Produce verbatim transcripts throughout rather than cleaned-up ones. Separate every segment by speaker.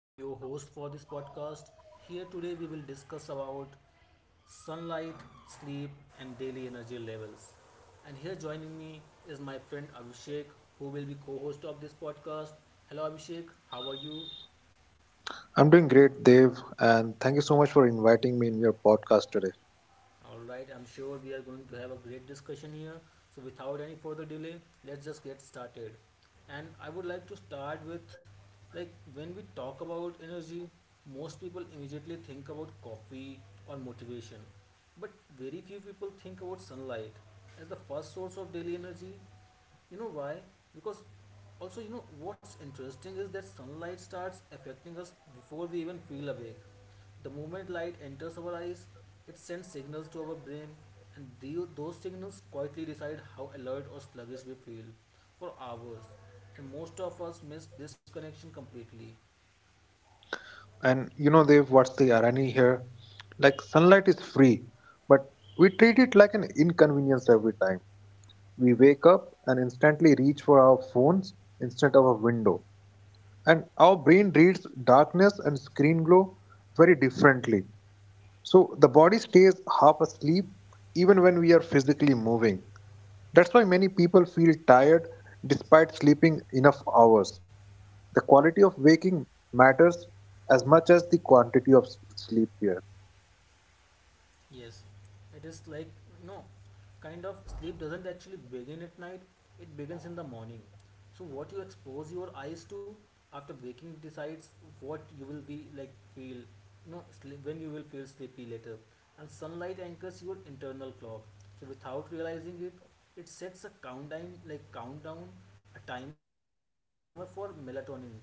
Speaker 1: I'm your host for this podcast. Here today we will discuss about sunlight, sleep and daily energy levels. And here joining me is my friend Abhishek who will be co-host of this podcast. Hello Abhishek, how are you?
Speaker 2: I'm doing great, Dev, and thank you so much for inviting me in your podcast today.
Speaker 1: All right, I'm sure we are going to have a great discussion here. So, without any further delay, let's just get started. And I would like to start with like when we talk about energy, most people immediately think about coffee or motivation, but very few people think about sunlight as the first source of daily energy, you know why? Because also, you know, what's interesting is that sunlight starts affecting us before we even feel awake. The moment light enters our eyes, it sends signals to our brain, and the, those signals quietly decide how alert or sluggish we feel for hours, and most of us miss this connection completely.
Speaker 2: And you know, Dev, what's the irony here? Like, sunlight is free, but we treat it like an inconvenience every time. We wake up and instantly reach for our phones instead of a window. And our brain reads darkness and screen glow very differently. So the body stays half asleep even when we are physically moving. That's why many people feel tired despite sleeping enough hours. The quality of waking matters as much as the quantity of s- sleep here.
Speaker 1: Yes, it is like, you know, kind of sleep doesn't actually begin at night, it begins in the morning. So, what you expose your eyes to after waking decides what you will be like feel, you know, sleep, when you will feel sleepy later. And sunlight anchors your internal clock. So, without realizing it, it sets a countdown, like countdown, a timer for melatonin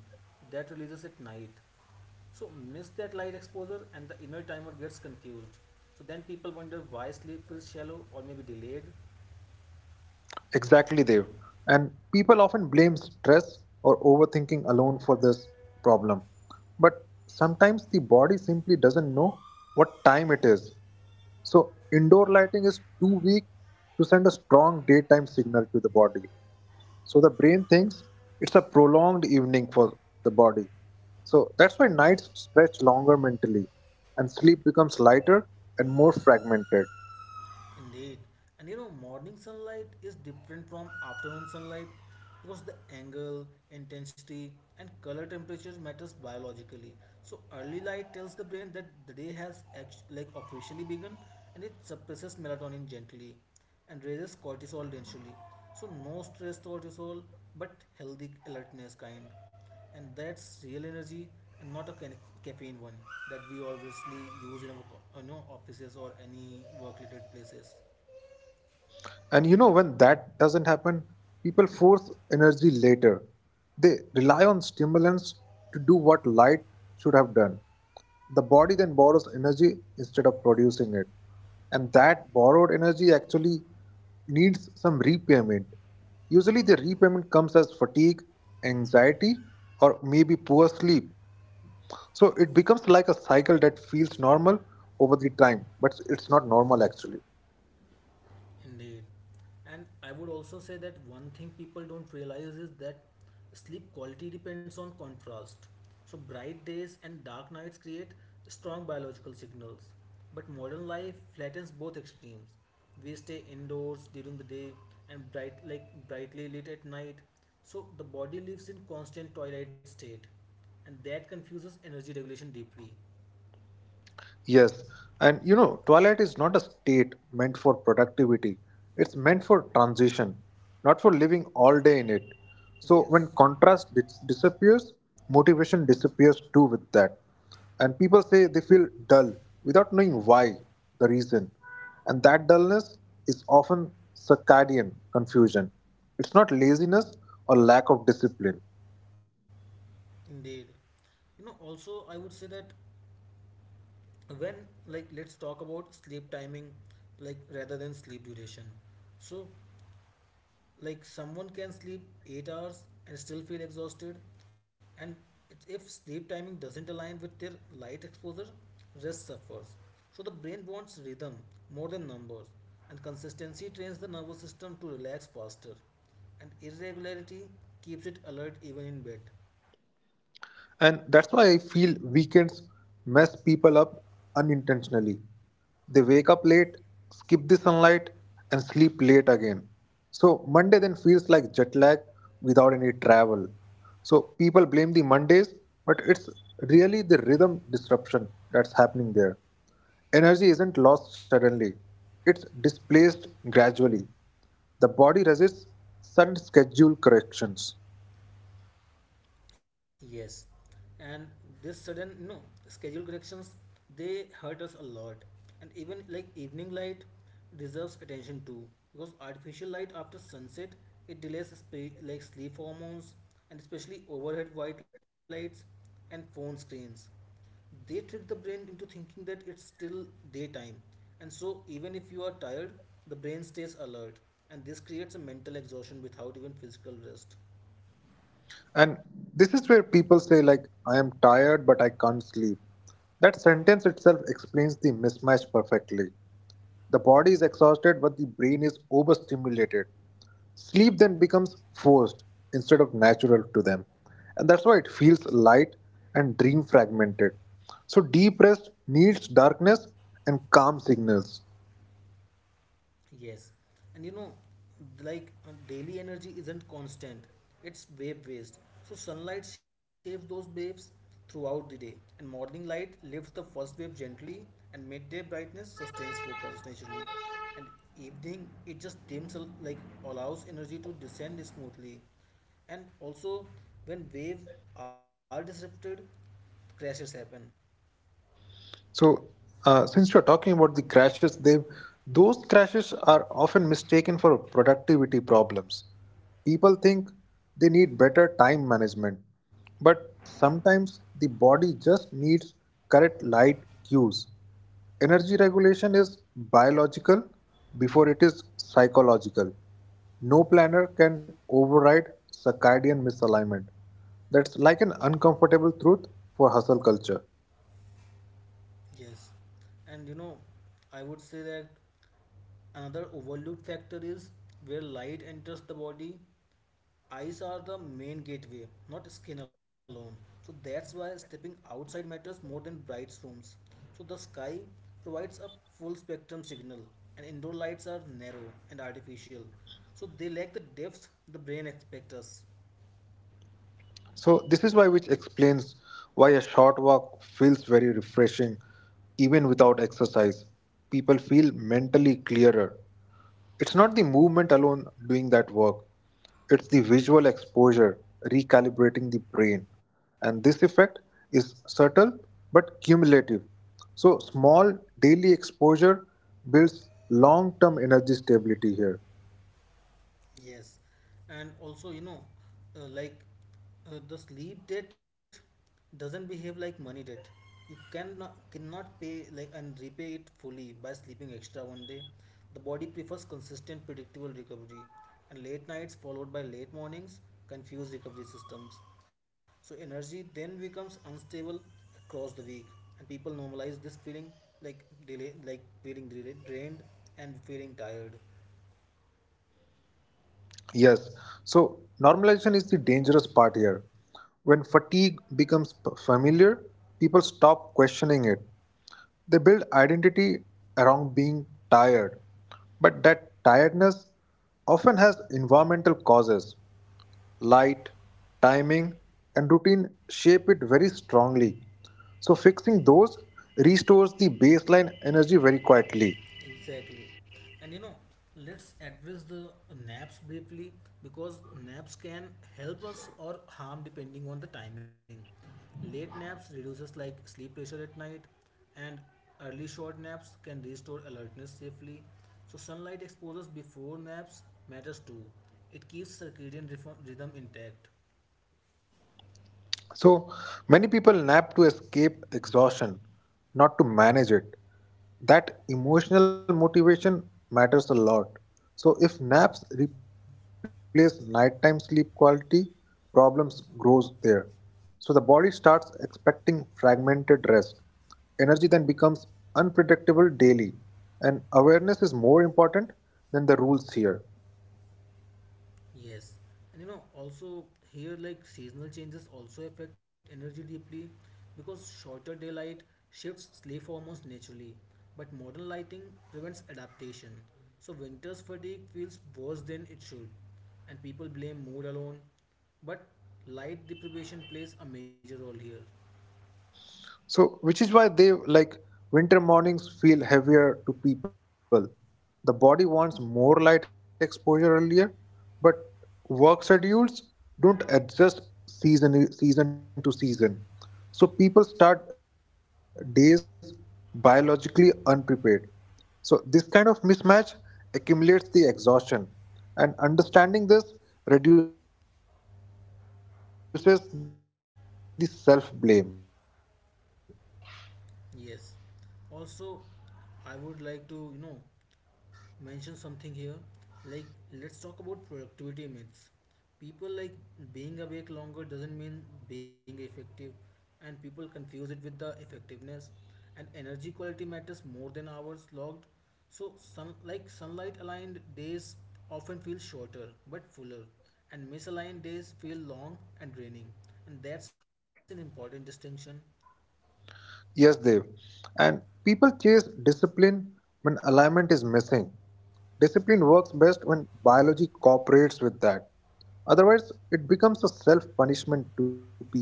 Speaker 1: that releases at night. So miss that light exposure and the inner timer gets confused. So then people wonder why sleep feels shallow or maybe delayed.
Speaker 2: Exactly, Dev. And people often blame stress or overthinking alone for this problem. But sometimes the body simply doesn't know what time it is. So, indoor lighting is too weak to send a strong daytime signal to the body. So the brain thinks it's a prolonged evening for the body. So that's why nights stretch longer mentally and sleep becomes lighter and more fragmented.
Speaker 1: Indeed. And you know, morning sunlight is different from afternoon sunlight because the angle, intensity and color temperature matters biologically. So early light tells the brain that the day has act- like officially begun, and it suppresses melatonin gently and raises cortisol densely. So no stress cortisol, but healthy alertness kind. And that's real energy and not a ca- caffeine one that we obviously use in our co- you know, offices or any work related places.
Speaker 2: And you know, when that doesn't happen, people force energy later. They rely on stimulants to do what light should have done. The body then borrows energy instead of producing it. And that borrowed energy actually needs some repayment. Usually, the repayment comes as fatigue, anxiety, or maybe poor sleep. So it becomes like a cycle that feels normal over the time, but it's not normal actually.
Speaker 1: Indeed. And I would also say that one thing people don't realize is that sleep quality depends on contrast. So, bright days and dark nights create strong biological signals. But modern life flattens both extremes. We stay indoors during the day and bright, like brightly lit at night. So, the body lives in constant twilight state, and that confuses energy regulation deeply.
Speaker 2: Yes, and you know, twilight is not a state meant for productivity. It's meant for transition, not for living all day in it. So when
Speaker 1: Yes.
Speaker 2: contrast dis- disappears, motivation disappears too with that. And people say they feel dull without knowing why, the reason. And that dullness is often circadian confusion. It's not laziness or lack of discipline.
Speaker 1: Indeed. You know, also, I would say that when, like let's talk about sleep timing like rather than sleep duration. So like someone can sleep eight hours and still feel exhausted, and it- if sleep timing doesn't align with their light exposure, rest suffers. So the brain wants rhythm more than numbers, and consistency trains the nervous system to relax faster, and irregularity keeps it alert even in bed.
Speaker 2: And that's why I feel weekends mess people up unintentionally. They wake up late, skip the sunlight, and sleep late again. So Monday then feels like jet lag without any travel. So people blame the Mondays, but it's really the rhythm disruption that's happening there. Energy isn't lost suddenly, it's displaced gradually. The body resists sudden schedule corrections.
Speaker 1: Yes, and this sudden no schedule corrections, they hurt us a lot, and even like evening light deserves attention too, because artificial light after sunset, it delays spe- like sleep hormones, and especially overhead white lights and phone screens. They trick the brain into thinking that it's still daytime, and so even if you are tired, the brain stays alert, and this creates a mental exhaustion without even physical rest.
Speaker 2: And this is where people say, like, I am tired, but I can't sleep. That sentence itself explains the mismatch perfectly. The body is exhausted, but the brain is overstimulated. Sleep then becomes forced instead of natural to them. And that's why it feels light and dream fragmented. So, deep rest needs darkness and calm signals.
Speaker 1: Yes, and you know, like uh, daily energy isn't constant, it's wave based. So, sunlight shapes those waves throughout the day, and morning light lifts the first wave gently, and midday brightness sustains focus naturally. And evening, it just dims, al- like allows energy to descend smoothly. And also, when waves are disrupted, crashes happen.
Speaker 2: So, uh, since you're talking about the crashes, they those crashes are often mistaken for productivity problems. People think they need better time management, but sometimes the body just needs correct light cues. Energy regulation is biological before it is psychological. No planner can override circadian misalignment. That's like an uncomfortable truth for hustle culture.
Speaker 1: Yes, and you know, I would say that another overlooked factor is where light enters the body. Eyes are the main gateway, not skin alone. So that's why stepping outside matters more than bright rooms. So the sky provides a full spectrum signal, and indoor lights are narrow and artificial. So they lack the depth the brain expects us.
Speaker 2: So this is why which explains why a short walk feels very refreshing even without exercise. People feel mentally clearer. It's not the movement alone doing that work. It's the visual exposure recalibrating the brain. And this effect is subtle but cumulative. So small daily exposure builds long-term energy stability here.
Speaker 1: Yes, and also, you know, uh, like uh, the sleep debt doesn't behave like money debt. You cannot cannot pay like and repay it fully by sleeping extra one day. The body prefers consistent, predictable recovery, and late nights followed by late mornings confuse recovery systems. So energy then becomes unstable across the week, and people normalize this feeling like delay, like feeling dra- drained and feeling tired.
Speaker 2: Yes. So, normalization is the dangerous part here. When fatigue becomes p- familiar, people stop questioning it. They build identity around being tired, but that tiredness often has environmental causes. Light, timing, and routine shape it very strongly. So, fixing those restores the baseline energy very quietly.
Speaker 1: Exactly. And you know, let's address the naps briefly, because naps can help us or harm depending on the timing. Late naps reduces like sleep pressure at night, and early short naps can restore alertness safely. So sunlight exposures before naps matters too. It keeps circadian rhythm rhythm intact.
Speaker 2: So many people nap to escape exhaustion, not to manage it. That emotional motivation matters a lot. So if naps replace nighttime sleep quality, problems grows there. So the body starts expecting fragmented rest. Energy then becomes unpredictable daily, and awareness is more important than the rules here.
Speaker 1: Yes, and you know, also here, like seasonal changes also affect energy deeply because shorter daylight shifts sleep hormones naturally, but modern lighting prevents adaptation. So, winter's fatigue feels worse than it should, and people blame mood alone. But light deprivation plays a major role here.
Speaker 2: So, which is why they like winter mornings feel heavier to people. The body wants more light exposure earlier, but work schedules don't adjust season season to season. So people start days biologically unprepared. So this kind of mismatch accumulates the exhaustion, and understanding this reduces the self blame.
Speaker 1: Yes, also, I would like to, you know, mention something here, like let's talk about productivity myths. People like being awake longer doesn't mean being effective, and people confuse it with the effectiveness, and energy quality matters more than hours logged. So sun like sunlight aligned days often feel shorter but fuller, and misaligned days feel long and draining, and that's an important distinction.
Speaker 2: Yes, Dev. And people chase discipline when alignment is missing. Discipline works best when biology cooperates with that. Otherwise, it becomes a self punishment to people.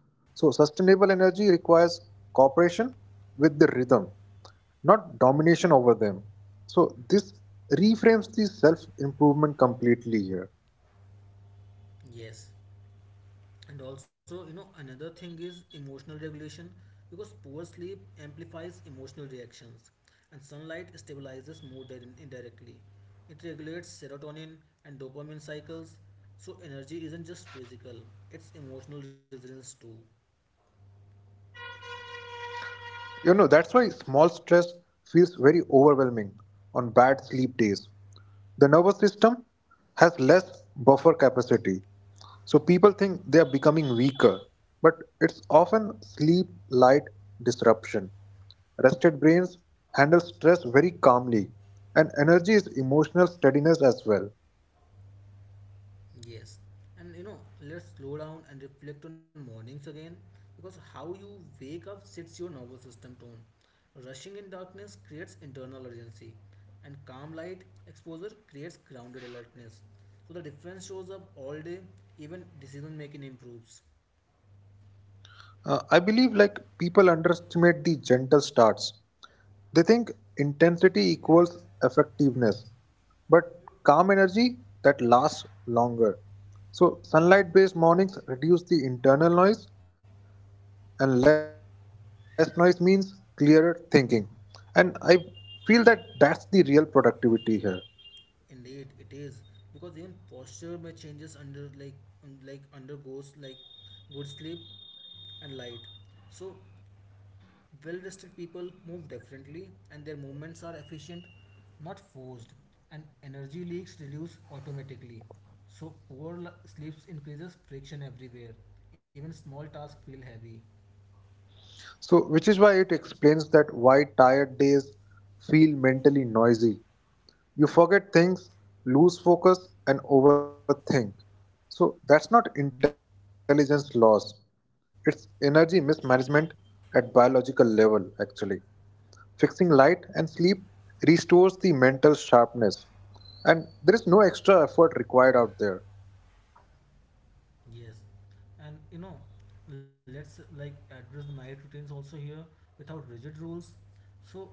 Speaker 2: So, sustainable energy requires cooperation with the rhythm, not domination over them. So, this reframes the self improvement completely here.
Speaker 1: Yes, and also, you know, another thing is emotional regulation because poor sleep amplifies emotional reactions, and sunlight stabilizes mood dir- indirectly. It regulates serotonin and dopamine cycles. So energy isn't just physical, it's emotional resilience too.
Speaker 2: You know, that's why small stress feels very overwhelming on bad sleep days. The nervous system has less buffer capacity. So people think they are becoming weaker, but it's often sleep light disruption. Rested brains handle stress very calmly, and energy is emotional steadiness as well.
Speaker 1: Yes, and you know, let's slow down and reflect on mornings again because how you wake up sets your nervous system tone. Rushing in darkness creates internal urgency, and calm light exposure creates grounded alertness. So the difference shows up all day, even decision making improves.
Speaker 2: Uh, I believe like people underestimate the gentle starts. They think intensity equals effectiveness, but calm energy that lasts longer. So, sunlight based mornings reduce the internal noise, and less noise means clearer thinking. And I feel that that's the real productivity here.
Speaker 1: Indeed, it is, because even posture may changes under like um, like undergoes like good sleep and light. So well rested people move differently and their movements are efficient, not forced, and energy leaks reduce automatically. So, poor l- sleeps increases friction everywhere. Even small tasks feel heavy.
Speaker 2: So, which is why it explains that why tired days feel mentally noisy. You forget things, lose focus, and overthink. So that's not intelligence loss. It's energy mismanagement at biological level, actually. Fixing light and sleep restores the mental sharpness, and there is no extra effort required out there.
Speaker 1: Yes. And you know, let's like address night routines also here without rigid rules. So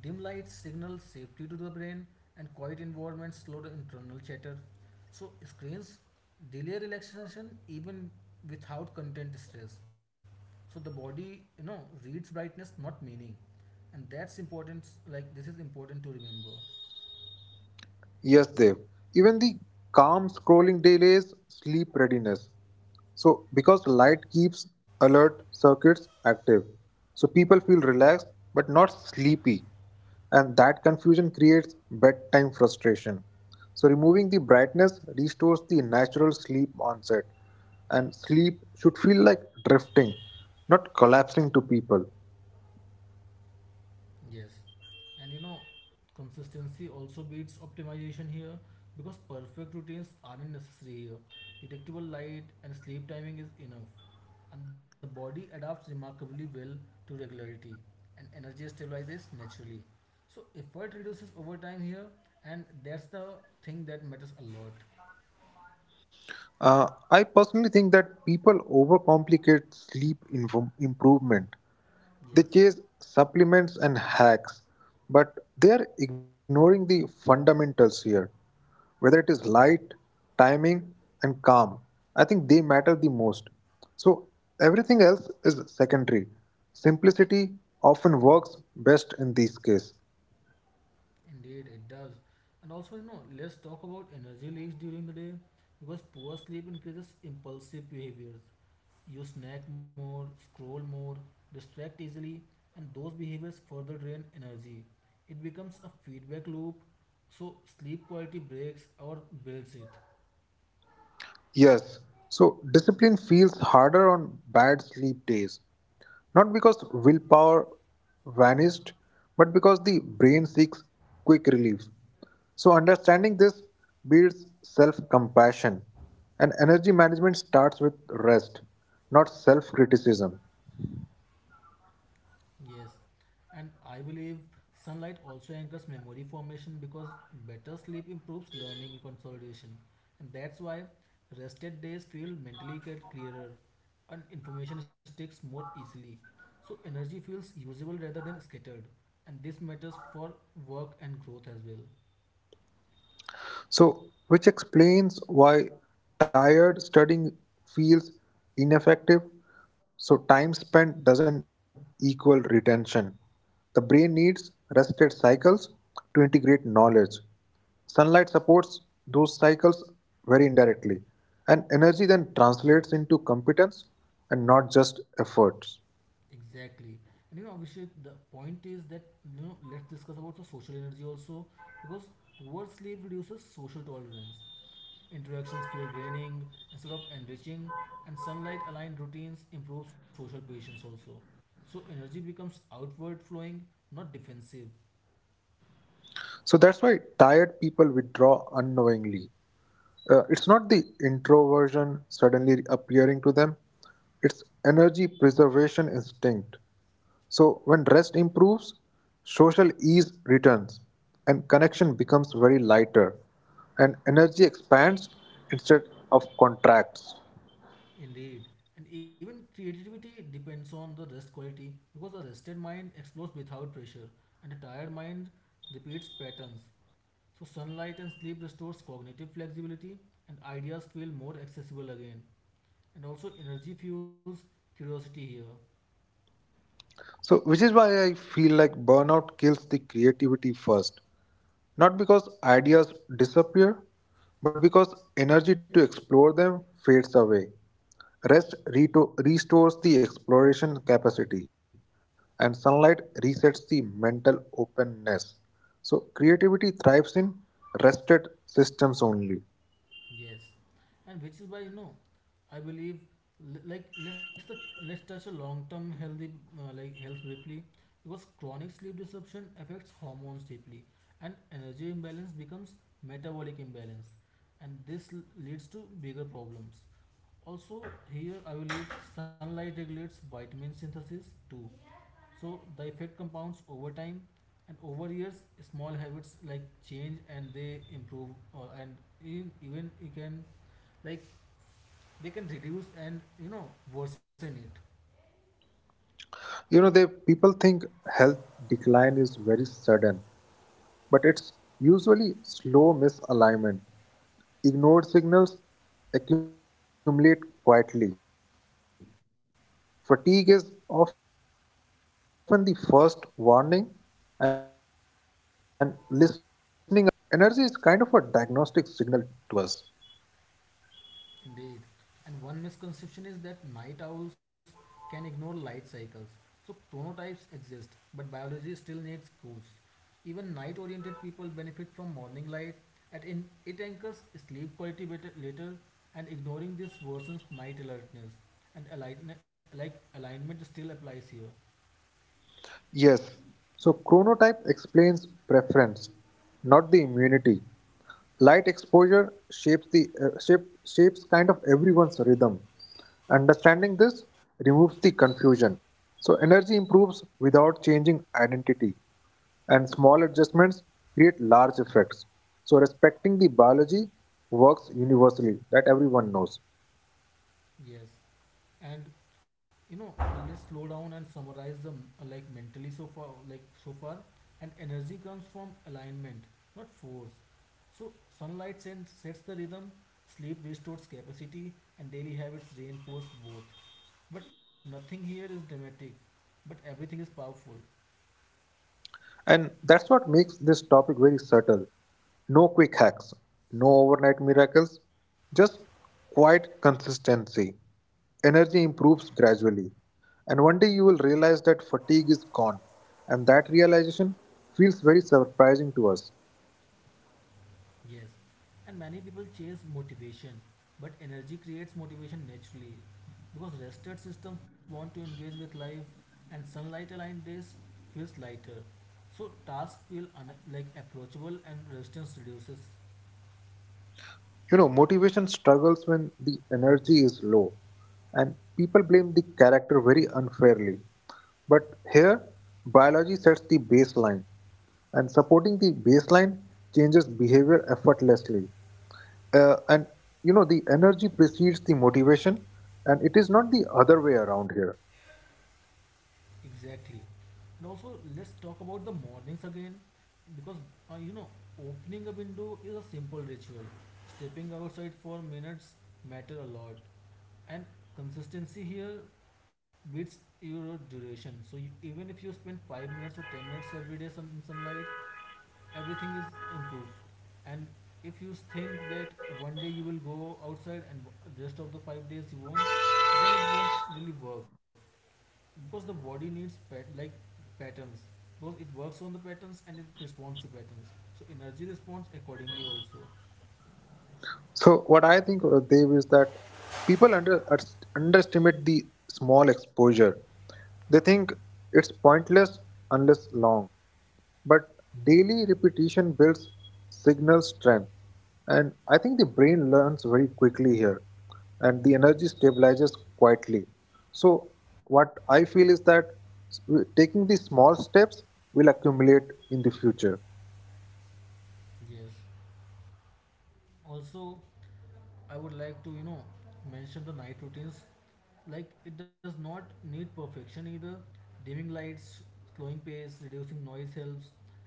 Speaker 1: dim lights signal safety to the brain, and quiet environments slow the internal chatter. So screens delay relaxation even without content stress. So the body, you know, reads brightness not meaning, and that's important, like this is important to remember.
Speaker 2: Yes, Dev. Even the calm scrolling delays sleep readiness. So, because light keeps alert circuits active, so people feel relaxed but not sleepy, and that confusion creates bedtime frustration. So, removing the brightness restores the natural sleep onset, and sleep should feel like drifting, not collapsing to people.
Speaker 1: Yes, and you know, consistency also beats optimization here, because perfect routines aren't necessary here. Predictable light and sleep timing is enough, and the body adapts remarkably well to regularity, and energy stabilizes naturally. So effort reduces over time here, and that's the thing that matters a lot.
Speaker 2: Uh, I personally think that people overcomplicate sleep inv- improvement. They
Speaker 1: Yes,
Speaker 2: chase supplements and hacks, but they are ignoring the fundamentals here. Whether it is light, timing, and calm, I think they matter the most. So everything else is secondary. Simplicity often works best in these cases.
Speaker 1: indeed it does. And also, you know, let's talk about energy leaks during the day because poor sleep increases impulsive behaviors. You snack more, scroll more, distract easily, and those behaviors further drain energy. It becomes a feedback loop, so sleep quality breaks or builds it.
Speaker 2: Yes, so discipline feels harder on bad sleep days, not because willpower vanished, but because the brain seeks quick relief. So, understanding this builds self compassion, and energy management starts with rest, not self criticism.
Speaker 1: Yes, and I believe sunlight also anchors memory formation because better sleep improves learning consolidation. And that's why rested days feel mentally get clearer and information sticks more easily. So energy feels usable rather than scattered. And this matters for work and growth as well.
Speaker 2: So, which explains why tired studying feels ineffective. So, time spent doesn't equal retention. The brain needs rested cycles to integrate knowledge. Sunlight supports those cycles very indirectly, and energy then translates into competence and not just efforts.
Speaker 1: Exactly. And you know, Abhishek, the point is that, you know, let's discuss about the social energy also, because poor sleep reduces social tolerance. Interactions feel draining instead of enriching, and sunlight aligned routines improve social patience also. So energy becomes outward flowing, not defensive.
Speaker 2: So, that's why tired people withdraw unknowingly. Uh, it's not the introversion suddenly appearing to them, it's energy preservation instinct. So, when rest improves, social ease returns and connection becomes very lighter, and energy expands instead of contracts.
Speaker 1: Indeed. And even creativity depends on the rest quality because a rested mind explores without pressure and a tired mind repeats patterns. So sunlight and sleep restores cognitive flexibility, and ideas feel more accessible again. And also energy fuels curiosity here.
Speaker 2: So, which is why I feel like burnout kills the creativity first. Not because ideas disappear, but because energy to explore them fades away. Rest reto- restores the exploration capacity, and sunlight resets the mental openness. So, creativity thrives in rested systems only.
Speaker 1: Yes, and which is why, you know, I believe l- like let's the, let's touch a long-term healthy uh, like health briefly because chronic sleep disruption affects hormones deeply, and energy imbalance becomes metabolic imbalance, and this l- leads to bigger problems. Also, here I will leave sunlight regulates vitamin synthesis too. So, the effect compounds over time and over years, small habits like change and they improve, or and in, even it can like they can reduce and, you know, worsen it.
Speaker 2: You know, they people think health decline is very sudden, but it's usually slow misalignment. Ignored signals accumulate quietly. Fatigue is often the first warning, and listening early prevents the bigger issues very quickly. So, energy is kind of a diagnostic signal to us.
Speaker 1: Indeed. And one misconception is that night owls can ignore light cycles. So chronotypes exist, but biology still needs rules. Even night-oriented people benefit from morning light, and in, it anchors sleep quality better later. And ignoring this worsens night alertness. And align, like alignment still applies here.
Speaker 2: Yes, so chronotype explains preference, not the immunity. Light exposure shapes the uh, shape, shapes kind of everyone's rhythm. Understanding this removes the confusion. So energy improves without changing identity, and small adjustments create large effects. So respecting the biology works universally that everyone knows.
Speaker 1: Yes. And you know, let's slow down and summarize them m- like mentally so far like so far, and energy comes from alignment, not force. So sunlight sen- sets the rhythm, sleep restores capacity, and daily habits reinforce both, but nothing here is dramatic, but everything is powerful.
Speaker 2: And that's what makes this topic very subtle. No quick hacks, no overnight miracles, just quiet consistency. Energy improves gradually. And one day you will realize that fatigue is gone. And that realization feels very surprising to us.
Speaker 1: Yes, and many people chase motivation, but energy creates motivation naturally because rested systems want to engage with life, and sunlight aligned days feels lighter. So tasks feel un- like approachable and resistance reduces.
Speaker 2: You know, motivation struggles when the energy is low, and people blame the character very unfairly. But here, biology sets the baseline, and supporting the baseline changes behavior effortlessly. Uh, and you know, the energy precedes the motivation, and it is not the other way around here.
Speaker 1: Exactly. And also let's talk about the mornings again because uh, you know, opening a window is a simple ritual. Stepping outside for minutes matter a lot, and consistency here beats your duration. So you, even if you spend five minutes or ten minutes every day sun, in sunlight, everything is improved. And if you think that one day you will go outside and w- rest of the five days you won't, then it won't really work because the body needs pat- like patterns, because it works on the patterns and it responds to patterns. So energy responds accordingly also.
Speaker 2: So what I think, uh, Dev, is that people under ast- underestimate the small exposure. They think it's pointless unless long. But daily repetition builds signal strength, and I think the brain learns very quickly here, and the energy stabilizes quietly. So what I feel is that s- taking these small steps will accumulate in the future.
Speaker 1: Yes, also I would like to, you know, mention the night routines. Like it does not need perfection either. Dimming lights, slowing pace, reducing noise helps,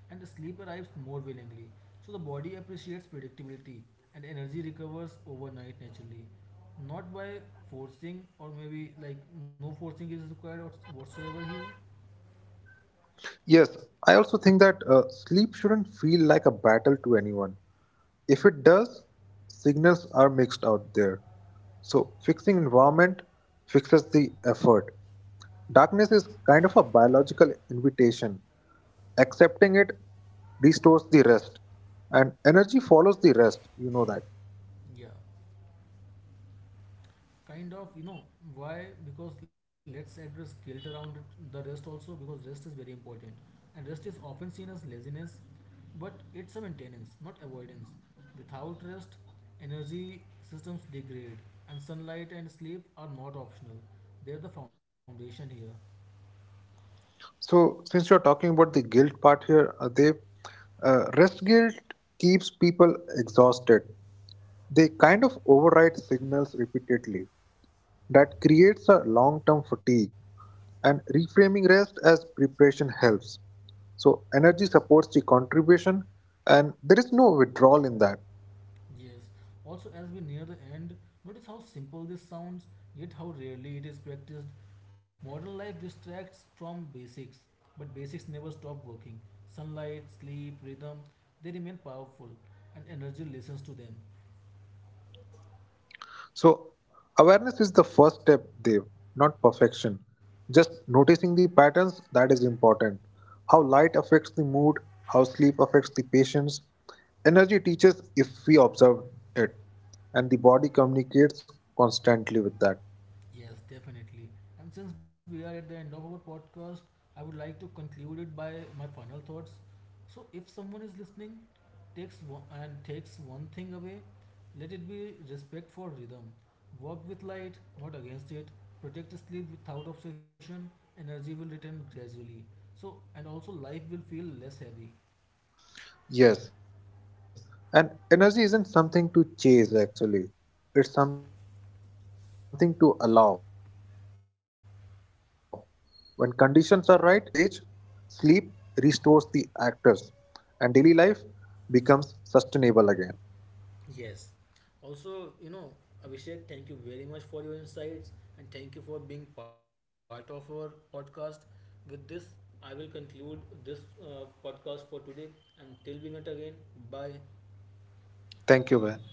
Speaker 1: and the sleep arrives more willingly. So the body appreciates predictability, and energy recovers overnight naturally. Not by forcing, or maybe like no forcing is required or whatsoever here.
Speaker 2: Yes, I also think that uh, sleep shouldn't feel like a battle to anyone. If it does, signals are mixed out there. So fixing environment fixes the effort. Darkness is kind of a biological invitation. Accepting it restores the rest, and energy follows the rest. You know that.
Speaker 1: Yeah. Kind of, you know, why? Because let's address guilt around it, the rest also, because rest is very important. And rest is often seen as laziness. But it's a maintenance, not avoidance. Without rest, energy systems degrade, and sunlight and sleep are not optional. They're the foundation here.
Speaker 2: So, since you're talking about the guilt part here, uh, they uh, rest guilt keeps people exhausted. They kind of override signals repeatedly. That creates a long term fatigue, and reframing rest as preparation helps. So, energy supports the contribution, and there is no withdrawal in that.
Speaker 1: Yes. Also, as we near the end, notice how simple this sounds, yet how rarely it is practiced. Modern life distracts from basics, but basics never stop working. Sunlight, sleep, rhythm, they remain powerful, and energy listens to them.
Speaker 2: So, awareness is the first step, Dev, not perfection. Just noticing the patterns that is important. How light affects the mood, how sleep affects the patients. Energy teaches if we observe it, and the body communicates constantly with that.
Speaker 1: Yes, definitely. And since we are at the end of our podcast, I would like to conclude it by my final thoughts. So, if someone is listening, takes one, and takes one thing away, let it be respect for rhythm. Work with light, not against it. Protect sleep without obsession. Energy will return gradually. So, and also life will feel less heavy.
Speaker 2: Yes, and energy isn't something to chase actually, it's something to allow. When conditions are right, it flows very naturally. Sunlight sets the stage, sleep restores the actors, and daily life becomes sustainable again.
Speaker 1: Yes. Also, you know, Abhishek, thank you very much for your insights and thank you for being part of our podcast. With this, I will conclude this uh, podcast for today. Until we meet again, bye.
Speaker 2: Thank you, Ben.